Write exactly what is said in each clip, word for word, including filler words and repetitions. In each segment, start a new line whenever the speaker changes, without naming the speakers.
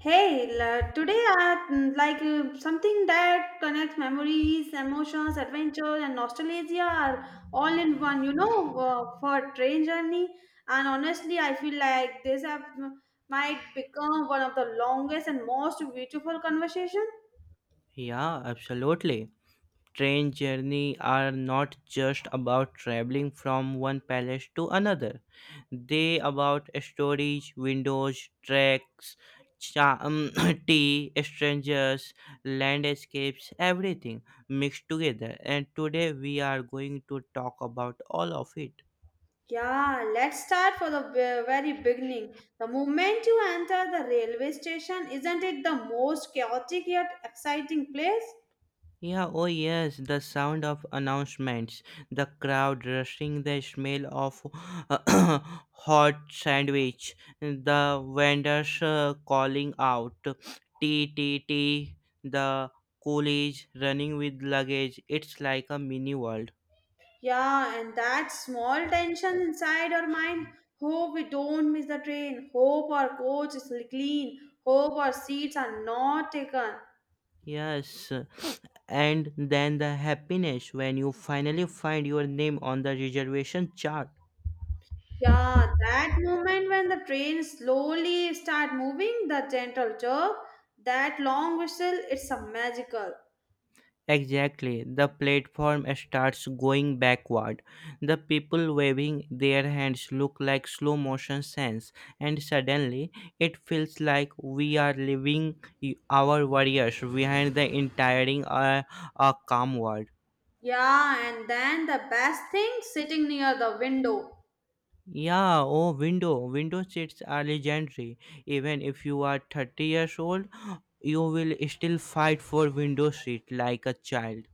Hey, la- today I mm, like uh, something that connects memories, emotions, adventure, and nostalgia are all in one. You know, uh, for train journey, and honestly, I feel like this app m- might become one of the longest and most beautiful conversation.
Yeah, absolutely. Train journey are not just about traveling from one palace to another. They about stories, windows, tracks, cha- um, tea, strangers, landscapes, everything mixed together. And today we are going to talk about all of it.
Yeah, let's start for the ve- very beginning. The moment you enter the railway station, isn't it the most chaotic yet exciting place?
Yeah, oh yes, the sound of announcements, the crowd rushing, the smell of hot sandwich, the vendors uh, calling out, T T T, the coolies running with luggage. It's like a mini world.
Yeah, and that small tension inside our mind. Hope we don't miss the train. Hope our coach is clean. Hope our seats are not taken.
Yes, and then the happiness when you finally find your name on the reservation chart.
Yeah, that moment when the train slowly start moving, the gentle jerk, that long whistle, it's a magical.
Exactly. The platform starts going backward. The people waving their hands look like slow motion sands, and suddenly it feels like we are leaving y- our warriors behind the entire uh, a calm world.
Yeah, and then the best thing sitting near the window.
Yeah, oh, window. Window seats are legendary. Even if you are thirty years old, you will still fight for window seat like a child.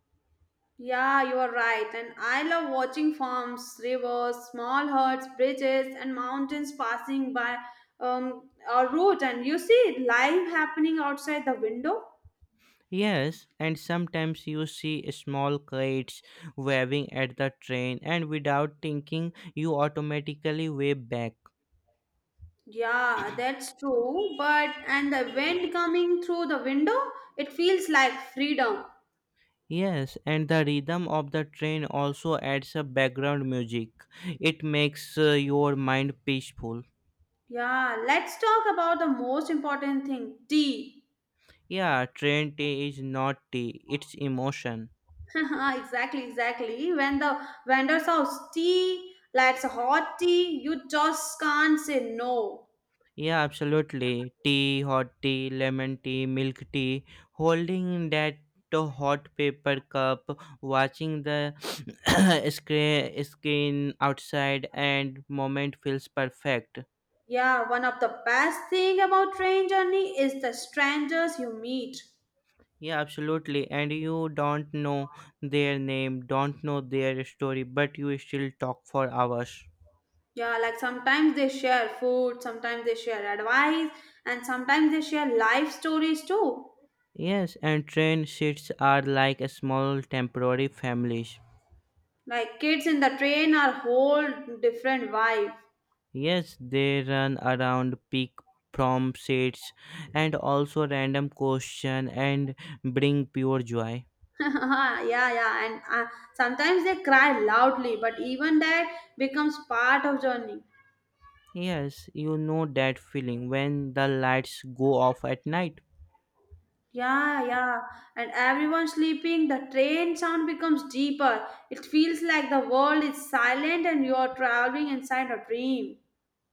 Yeah, you are right. And I love watching farms, rivers, small herds, bridges, and mountains passing by um, our route. And you see it live happening outside the window.
Yes, and sometimes you see small kids waving at the train, and without thinking, you automatically wave back.
Yeah, that's true. But and the wind coming through the window, it feels like freedom.
Yes, and the rhythm of the train also adds a background music. It makes uh, your mind peaceful.
Yeah, let's talk about the most important thing, tea.
Yeah, train tea is not tea, it's emotion.
Exactly, exactly. When the vendor serves tea, like hot tea, you just can't say no.
Yeah, absolutely. Tea, hot tea, lemon tea, milk tea, holding that to hot paper cup, watching the screen, screen outside, and moment feels perfect.
Yeah, one of the best thing about train journey is the strangers you meet.
Yeah, absolutely. And you don't know their name, don't know their story, but you still talk for hours.
Yeah, like sometimes they share food, sometimes they share advice, and sometimes they share life stories too.
Yes, and train seats are like a small temporary families.
Like kids in the train are whole different vibe.
Yes, they run around peak prom sets and also random question and bring pure joy.
Yeah, yeah, and uh, sometimes they cry loudly, but even that becomes part of journey.
Yes, you know that feeling when the lights go off at night.
Yeah, yeah. And everyone sleeping, the train sound becomes deeper. It feels like the world is silent and you are traveling inside a dream.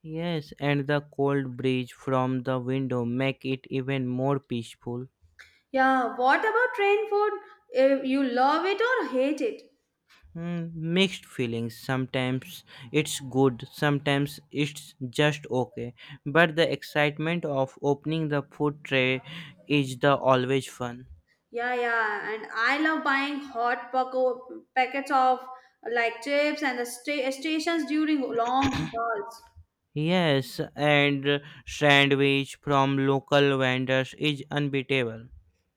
Yes, and the cold breeze from the window make it even more peaceful.
Yeah, what about train food? If you love it or hate it?
Hmm, mixed feelings. Sometimes it's good, sometimes it's just okay. But the excitement of opening the food tray is the always fun.
Yeah, yeah. And I love buying hot poco- packets of like chips and the sta- stations during long hauls.
Yes, and sandwich from local vendors is unbeatable.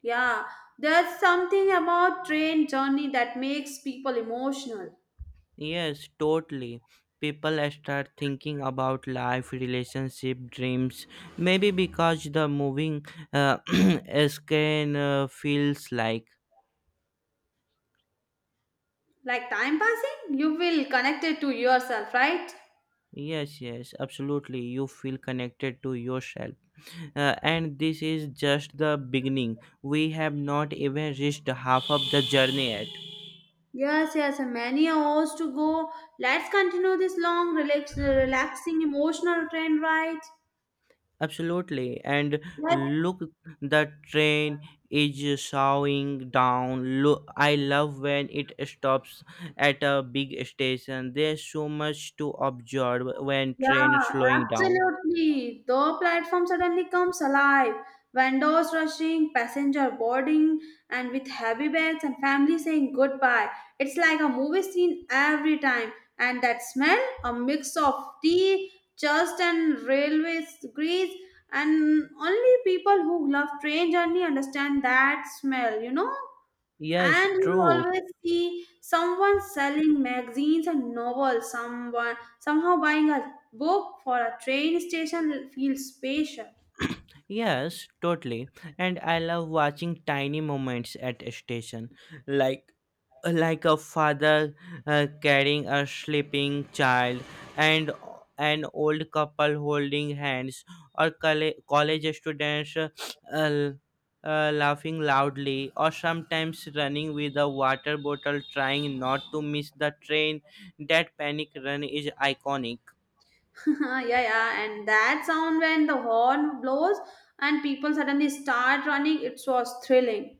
Yeah, there's something about train journey that makes people emotional.
Yes, totally. People start thinking about life, relationship, dreams. Maybe because the moving uh, scan uh, feels like.
Like time passing, you will connect it to yourself, right?
Yes, yes, absolutely. You feel connected to yourself. Uh, and this is just the beginning. We have not even reached half of the journey yet.
Yes, yes, and many hours to go. Let's continue this long, relax, relaxing, emotional train right?
Absolutely. And
Let's,
look, the train is showing down. Look, I love when it stops at a big station. There's so much to observe when train
yeah,
slowing down.
absolutely. The platform suddenly comes alive. Vendors rushing, passenger boarding, and with heavy bags and family saying goodbye. It's like a movie scene every time. And that smell, a mix of tea, dust, and railway grease. And only people who love train journey understand that smell, you know?
Yes,
And you
true.
always see someone selling magazines and novels, someone somehow buying a book for a train station feels special.
Yes, totally. And I love watching tiny moments at a station, like like a father uh, carrying a sleeping child and an old couple holding hands or colle- college students uh, uh, laughing loudly or sometimes running with a water bottle trying not to miss the train. That panic run is iconic.
Yeah, yeah, and that sound when the horn blows and people suddenly start running, it was thrilling.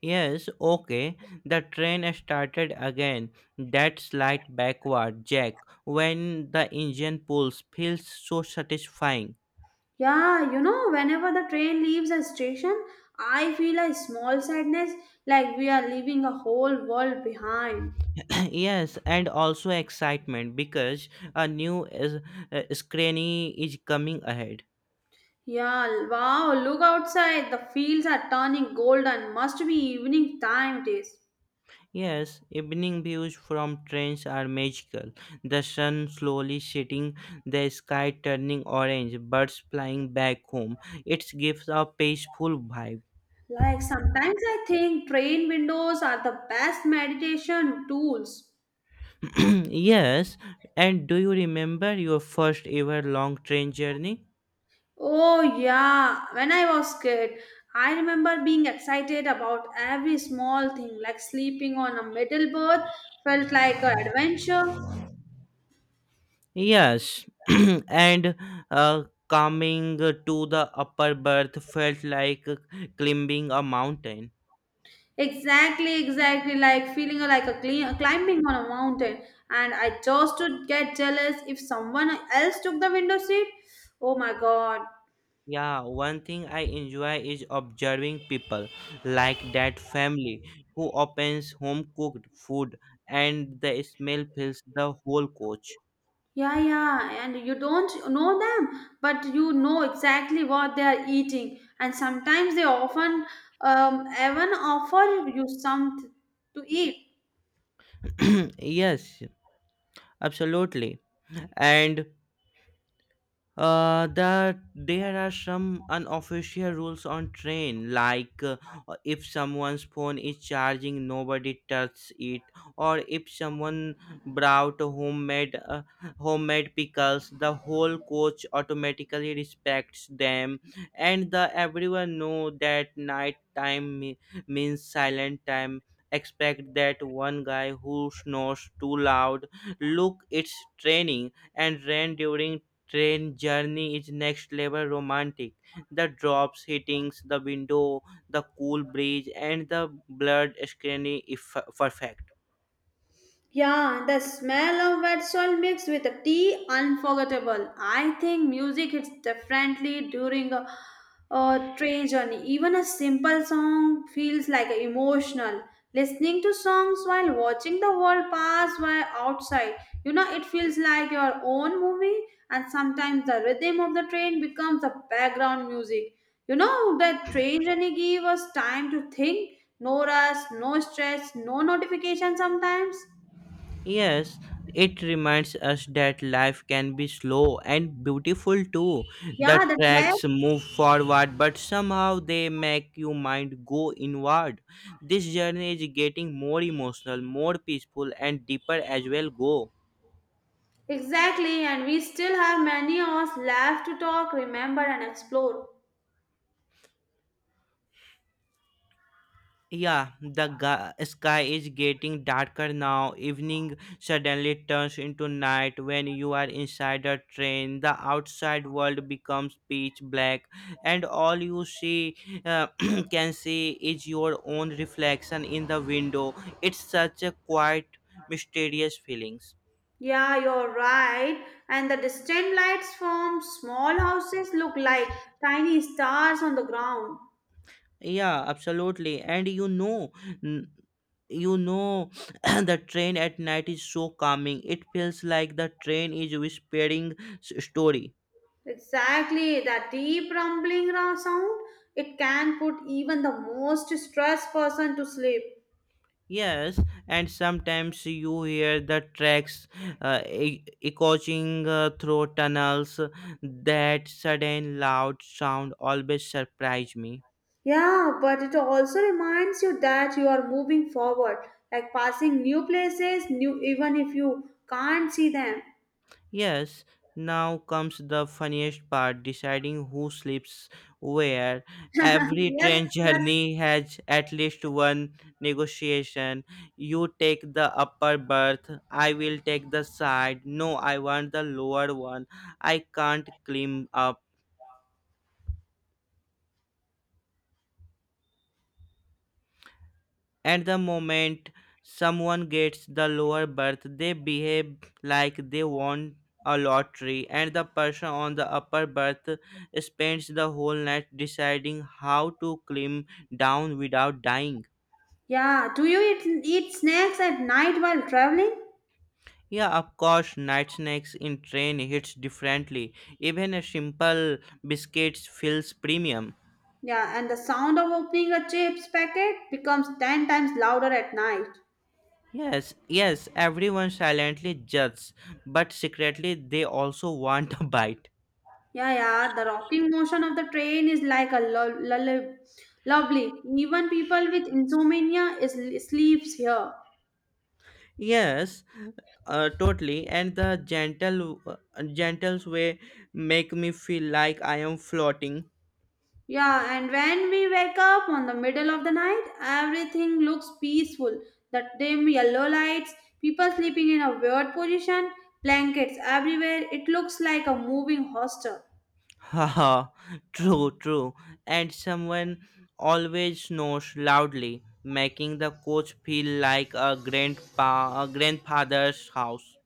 Yes, okay. The train started again. That slight backward jack when the engine pulls feels so satisfying.
Yeah, you know, whenever the train leaves a station, I feel a small sadness like we are leaving a whole world behind.
Yes, and also excitement because a new is, uh, screening is coming ahead.
Yeah, wow, look outside. The fields are turning golden. Must be evening time it is.
Yes, evening views from trains are magical. The sun slowly setting, the sky turning orange, birds flying back home. It gives a peaceful vibe.
Like sometimes I think train windows are the best meditation tools.
Yes, and do you remember your first ever long train journey?
Oh yeah, when I was kid, I remember being excited about every small thing like sleeping on a middle berth felt like an adventure.
Yes, and uh, coming to the upper berth felt like climbing a mountain.
Exactly, exactly. Like feeling like a cli- climbing on a mountain, and I chose to get jealous if someone else took the window seat. Oh my god.
Yeah, one thing I enjoy is observing people like that family who opens home cooked food and the smell fills the whole coach.
Yeah, yeah, and you don't know them, but you know exactly what they are eating, and sometimes they often um, even offer you something to eat.
Yes, absolutely. And uh, that there are some unofficial rules on train like uh, if someone's phone is charging, nobody touches it. Or if someone brought homemade uh, homemade pickles, the whole coach automatically respects them. And the everyone know that night time me- means silent time, expect that one guy who snores too loud. Look, it's training and rain during train journey is next level romantic. The drops hitting the window, the cool breeze, and the blurred scenery is f- perfect.
Yeah, the smell of wet soil mixed with the tea, unforgettable. I think music hits differently during a, a train journey. Even a simple song feels like emotional. Listening to songs while watching the world pass by outside, you know, it feels like your own movie. And sometimes the rhythm of the train becomes the background music. You know, the train journey gives us time to think. No rush, no stress, no notification sometimes.
Yes, it reminds us that life can be slow and beautiful too.
Yeah,
The
that's why.
tracks move forward, but somehow they make your mind go inward. This journey is getting more emotional, more peaceful, and deeper as well. Go.
Exactly, and we still have many hours left to talk, remember, and explore.
Yeah, the ga- sky is getting darker now. Evening suddenly turns into night. When you are inside a train, the outside world becomes pitch black, and all you see uh, can see is your own reflection in the window. It's such a quiet, mysterious feelings.
Yeah, you're right. And the distant lights from small houses look like tiny stars on the ground.
Yeah, absolutely. And you know, n- you know, the train at night is so calming. It feels like the train is whispering s- story.
Exactly, that deep rumbling ra- sound, it can put even the most stressed person to sleep.
Yes, and sometimes you hear the tracks uh, e- echoing uh, through tunnels. That sudden loud sound always surprise me.
Yeah, but it also reminds you that you are moving forward, like passing new places, new even if you can't see them.
Yes, now comes the funniest part, deciding who sleeps where. Every
Yes,
train
yes.
journey has at least one negotiation. You take the upper berth, I will take the side. No, I want the lower one. I can't climb up. At the moment someone gets the lower berth, they behave like they won a lottery, and the person on the upper berth spends the whole night deciding how to climb down without dying.
Yeah. Do you eat, eat snacks at night while traveling?
Yeah, of course, night snacks in train hits differently. Even a simple biscuit feels premium.
Yeah, and the sound of opening a chips packet becomes ten times louder at night.
Yes, yes, everyone silently judges, but secretly they also want a bite.
Yeah, yeah. The rocking motion of the train is like a lull, lullaby. Lovely. Even people with insomnia is sleeps here.
Yes, uh, totally. And the gentle, uh, gentle way make me feel like I am floating.
Yeah, and when we wake up on the middle of the night, everything looks peaceful. The dim yellow lights, people sleeping in a weird position, blankets everywhere. It looks like a moving hostel.
Haha, true, true. And someone always snores loudly, making the coach feel like a grandpa, a grandfather's house.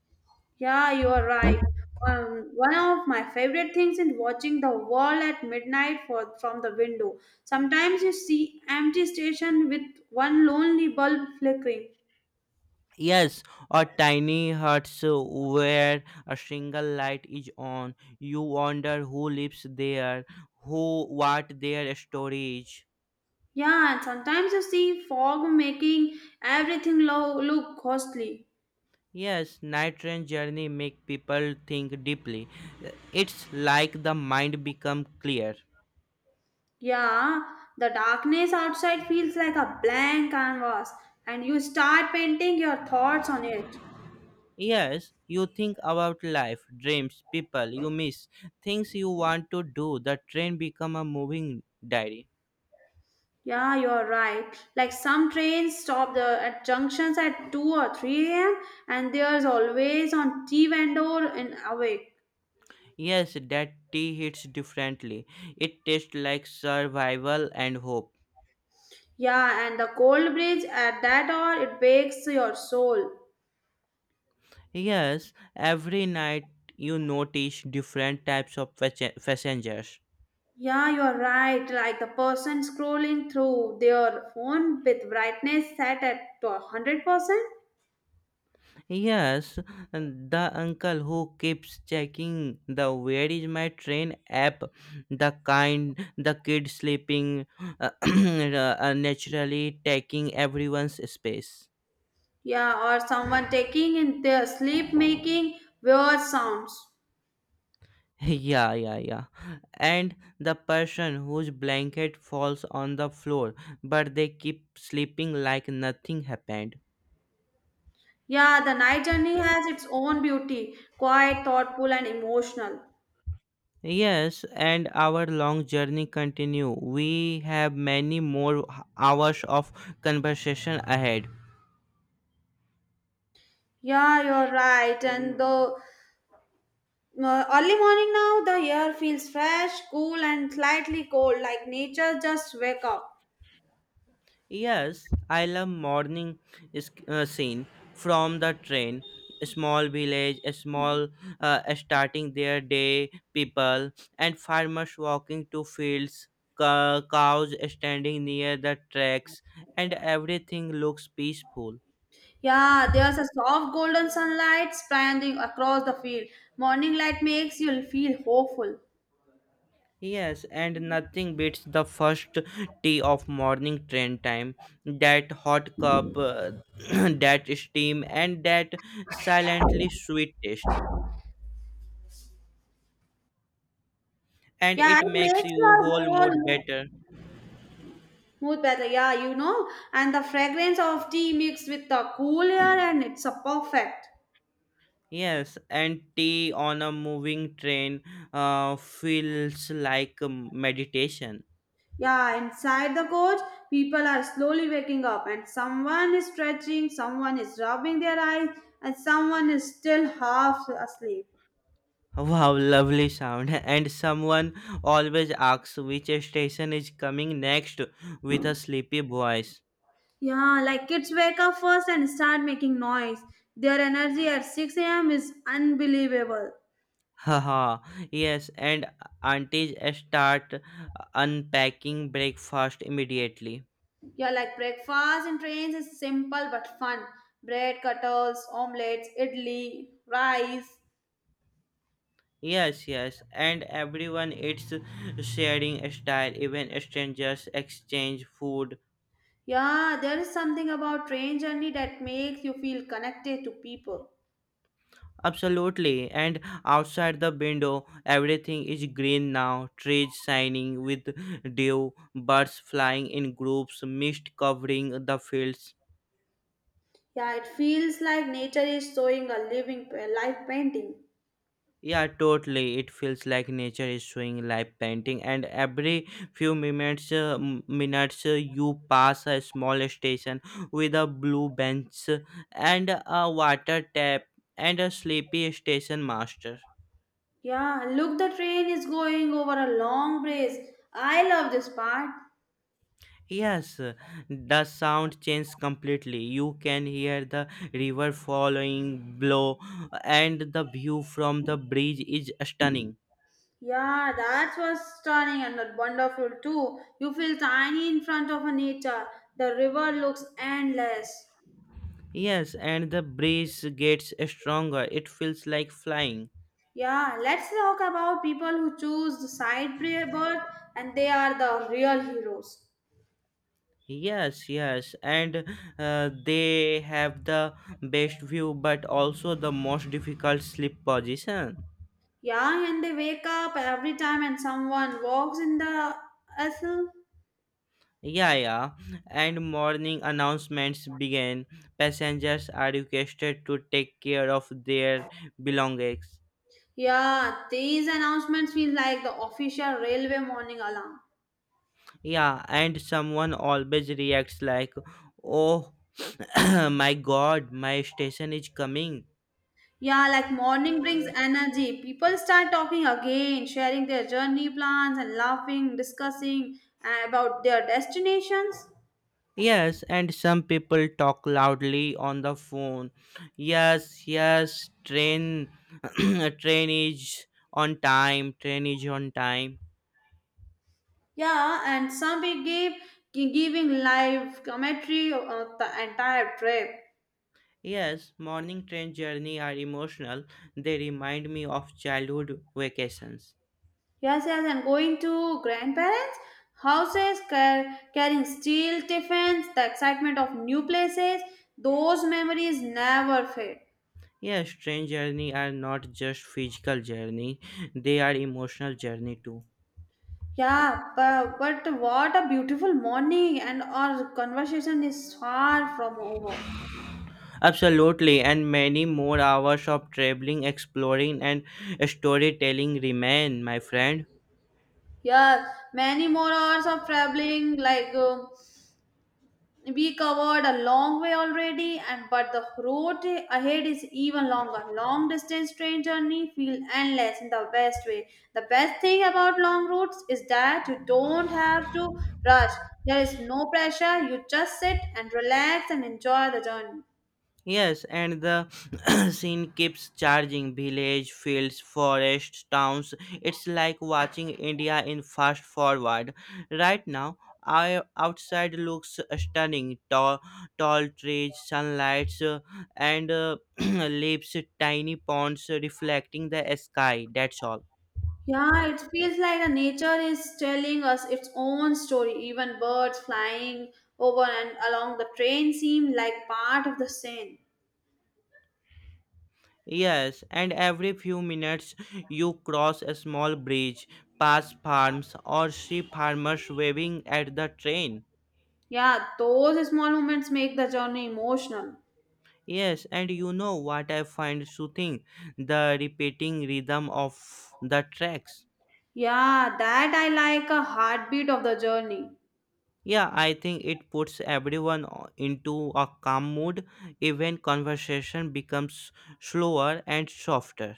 Yeah, you are right. Um, one of my favorite things is watching the world at midnight for, from the window. Sometimes you see empty station with one lonely bulb flickering.
Yes, a tiny hut so where a single light is on. You wonder who lives there, who what their story is.
Yeah, and sometimes you see fog making everything lo- look ghostly.
Yes, night train journey make people think deeply. It's like the mind become clear.
Yeah, the darkness outside feels like a blank canvas, and you start painting your thoughts on it.
Yes, you think about life, dreams, people you miss, things you want to do. The train become a moving diary.
Yeah, you're right. Like some trains stop the at junctions at two or three a m and there's always on tea vendor in awake.
Yes, that tea hits differently. It tastes like survival and hope.
Yeah, and the cold breeze at that hour it wakes your soul.
Yes, every night you notice different types of passe- passengers.
Yeah, you're right. Like the person scrolling through their phone with brightness set at to one hundred percent.
Yes, and the uncle who keeps checking the where is my train app, the kind, the kid sleeping, uh, uh, naturally taking everyone's space.
Yeah, or someone taking in their sleep making weird sounds.
Yeah, yeah, yeah. And the person whose blanket falls on the floor, but they keep sleeping like nothing happened.
Yeah, the night journey has its own beauty, quiet, thoughtful and emotional.
Yes, and our long journey continue. We have many more h- hours of conversation ahead.
Yeah, you're right. And the uh, early morning now, the air feels fresh, cool, and slightly cold, like nature just wake up.
Yes, I love morning is- uh, scene from the train. A small village, a small uh, starting their day, people and farmers walking to fields, co- cows standing near the tracks, and everything looks peaceful.
Yeah, there's a soft golden sunlight spreading across the field. Morning light makes you feel hopeful.
Yes, and nothing beats the first tea of morning train time. That hot cup, uh, that steam, and that silently sweet taste. And
Yeah,
it
it
makes
makes
you
your
whole
whole
mood
mood
better.
more better, yeah, you know, and the fragrance of tea mixed with the cool air, and it's a perfect.
Yes, and tea on a moving train uh, feels like um, meditation.
Yeah, inside the coach, people are slowly waking up, and someone is stretching, someone is rubbing their eyes, and someone is still half asleep.
Wow, lovely sound. And someone always asks which station is coming next with a sleepy voice.
Yeah, like kids wake up first and start making noise. Their energy at six a m is unbelievable.
Haha, yes, and aunties start uh, unpacking breakfast immediately.
Yeah, like breakfast in trains is simple but fun. Bread, cutters, omelets, idli, rice.
Yes, yes, and everyone eats sharing a style, even strangers exchange food.
Yeah, there is something about train journey that makes you feel connected to people.
Absolutely, and outside the window, everything is green now, trees shining with dew, birds flying in groups, mist covering the fields.
Yeah, it feels like nature is showing a living a life painting.
Yeah, totally. It feels like nature is showing live painting, and every few minutes, uh, m- minutes uh, you pass a small station with a blue bench uh, and a water tap and a sleepy station master.
Yeah, look, the train is going over a long bridge. I love this part.
Yes, the sound changes completely. You can hear the river following blow, and the view from the bridge is stunning.
Yeah, that was stunning and wonderful too. You feel tiny in front of a nature. The river looks endless.
Yes, and the breeze gets stronger. It feels like flying.
Yeah, let's talk about people who choose the side birth and they are the real heroes.
Yes, yes, and uh, they have the best view but also the most difficult sleep position.
Yeah, and they wake up every time and someone walks in the vessel.
Yeah, yeah, and morning announcements began. Passengers are requested to take care of their belongings.
Yeah, these announcements feel like the official railway morning alarm.
Yeah, and someone always reacts like, oh, my god, my station is coming.
Yeah, like morning brings energy. People start talking again, sharing their journey plans and laughing, discussing uh, about their destinations.
Yes, and some people talk loudly on the phone. Yes, yes, train train is on time, train is on time.
Yeah, and some be give, giving live commentary of the entire trip.
Yes, morning train journey are emotional. They remind me of childhood vacations.
Yes, yes, and going to grandparents' houses, car- carrying steel tiffins, the excitement of new places, those memories never fade.
Yes, train journey are not just physical journey, they are emotional journey too.
Yeah, but, but what a beautiful morning, and our conversation is far from over.
Absolutely, and many more hours of traveling, exploring and storytelling remain, my friend.
Yes, many more hours of traveling, like um, we covered a long way already and but the road ahead is even longer long distance train journey feel endless in the best way the best thing about long routes is that you don't have to rush there is no pressure you just sit and relax and enjoy the journey
Yes, and the scene keeps charging village, fields, forests, towns. It's like watching India in fast forward. Right now, our outside looks stunning, tall, tall trees, sunlight, uh, and uh, leaves, tiny ponds reflecting the sky. That's all.
yeah it feels like the nature is telling us its own story even birds flying over and along the train seem like part of the scene.
Yes, and every few minutes you cross a small bridge, pass farms, or see farmers waving at the train.
Yeah, those small moments make the journey emotional.
Yes, and you know what I find soothing? The repeating rhythm of the tracks.
Yeah, that I like a heartbeat of the journey.
Yeah, I think it puts everyone o- into a calm mood. Even conversation becomes slower and softer.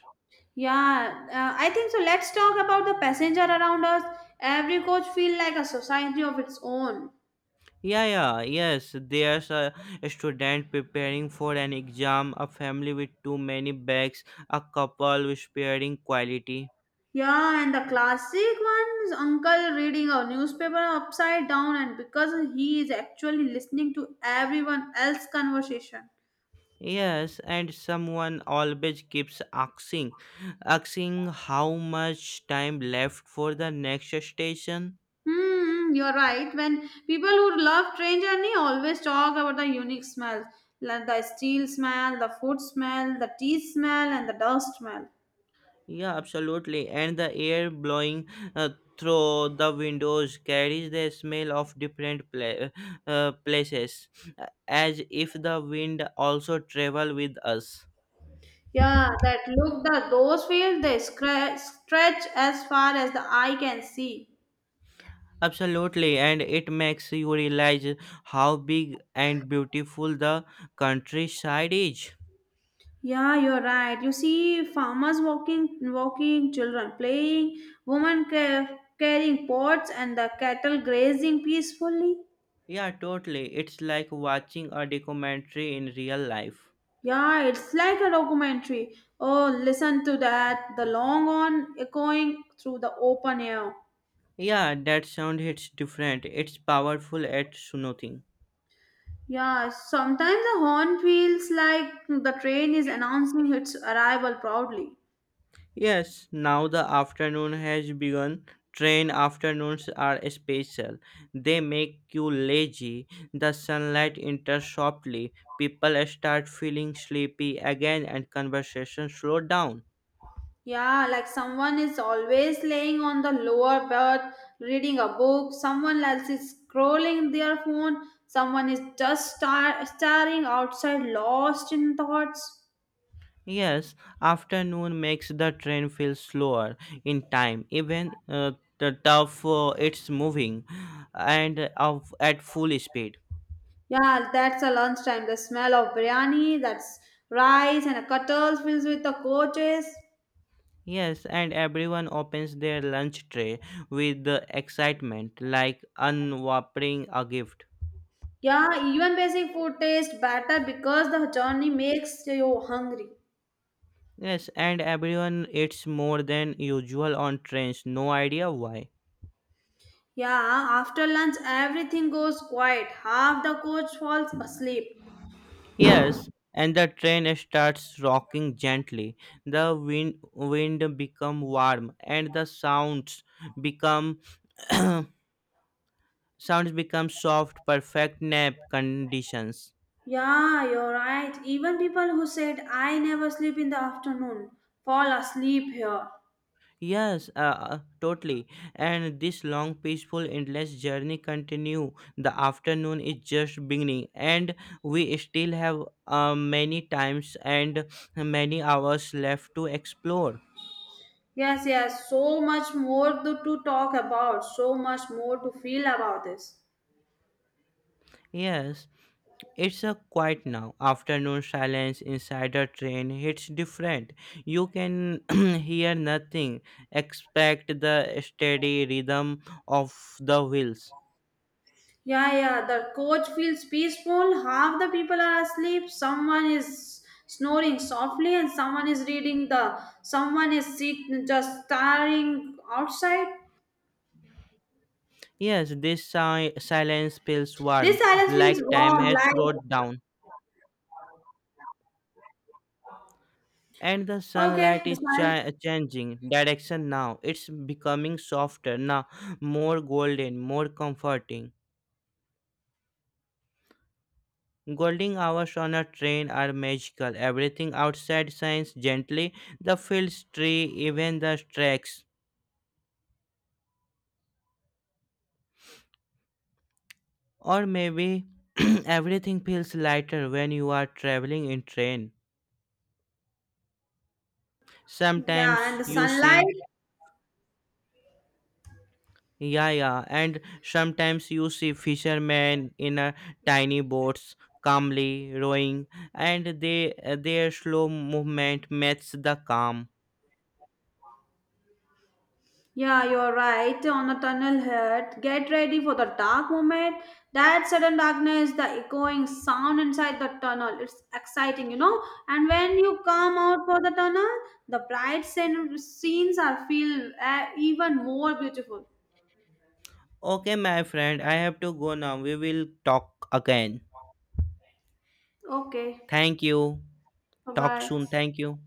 Yeah, uh, I think so. Let's talk about the passenger around us. Every coach feel like a society of its own.
Yeah, yeah, yes. There's a student preparing for an exam, a family with too many bags, a couple with sparing quality.
Yeah, and the classic one is uncle reading a newspaper upside down, and because he is actually listening to everyone else's conversation.
Yes, and someone always keeps asking, asking how much time left for the next station.
Hmm, you're right. When people who love train journey always talk about the unique smells, like the steel smell, the food smell, the tea smell, and the dust smell.
Yeah, absolutely. And the air blowing uh, through the windows carries the smell of different pla- uh, places, uh, as if the wind also travel with us.
Yeah, that look, the those fields they scra- stretch as far as the eye can see.
Absolutely, and it makes you realize how big and beautiful the countryside is.
Yeah, you're right. You see farmers walking, walking, children playing, women ca- carrying pots, and the cattle grazing peacefully.
Yeah, totally. It's like watching a documentary in real life.
Yeah, it's like a documentary. Oh, listen to that. The long horn echoing through the open air.
Yeah, that sound hits different. It's powerful at soothing.
Yeah, sometimes the horn feels like the train is announcing its arrival proudly.
Yes, now the afternoon has begun. Train afternoons are special. They make you lazy. The sunlight enters softly. People start feeling sleepy again and conversation slow down.
Yeah, like someone is always laying on the lower berth reading a book, someone else is scrolling their phone, someone is just star- staring outside lost in thoughts.
Yes, afternoon makes the train feel slower in time, even uh, the tough uh, it's moving and uh, of at full speed.
Yeah, that's a lunchtime. The smell of biryani, that's rice and a kettles filled with the coaches.
Yes, and everyone opens their lunch tray with the excitement, like unwrapping a gift.
Yeah, even basic food tastes better because the journey makes you hungry.
Yes, and everyone eats more than usual on trains, no idea why.
Yeah, after lunch everything goes quiet. Half the coach falls asleep.
Yes, and the train starts rocking gently. The wind wind become warm and the sounds become sounds become soft, perfect nap conditions.
Yeah, you're right. Even people who said I never sleep in the afternoon fall asleep here.
Yes, uh, uh, totally. And this long, peaceful, endless journey continue. The afternoon is just beginning, and we still have uh, many times and many hours left to explore.
Yes, yes, so much more to, to talk about, so much more to feel about this.
Yes. It's a quiet now. Afternoon silence inside a train hits different. You can hear nothing except the steady rhythm of the wheels.
Yeah, yeah, the coach feels peaceful. Half the people are asleep. Someone is snoring softly, and someone is reading the. Someone is sit just staring outside.
Yes, this si- silence feels
This
warm,
silence feels
like time
warm,
has
like
slowed down. And the
okay,
sunlight
the
is
sun.
chi- changing direction now. It's becoming softer now, more golden, more comforting. Golden hours on a train are magical. Everything outside shines gently. The fields, tree, even the tracks. Or maybe everything feels lighter when you are traveling in train.
Yeah, and
Sometimes
the
you
sunlight
see Yaya, and sometimes you see fishermen in a tiny boats calmly rowing, and they their slow movement matches the calm.
yeah, you're right. On the tunnel head, get ready for the dark moment. That sudden darkness, the echoing sound inside the tunnel. It's exciting, you know. And when you come out for the tunnel, the bright scen- scenes are feel uh, even more beautiful.
Okay my friend, I have to go now. We will talk again.
Okay,
Thank you.
bye
Talk
bye.
soon. Thank you.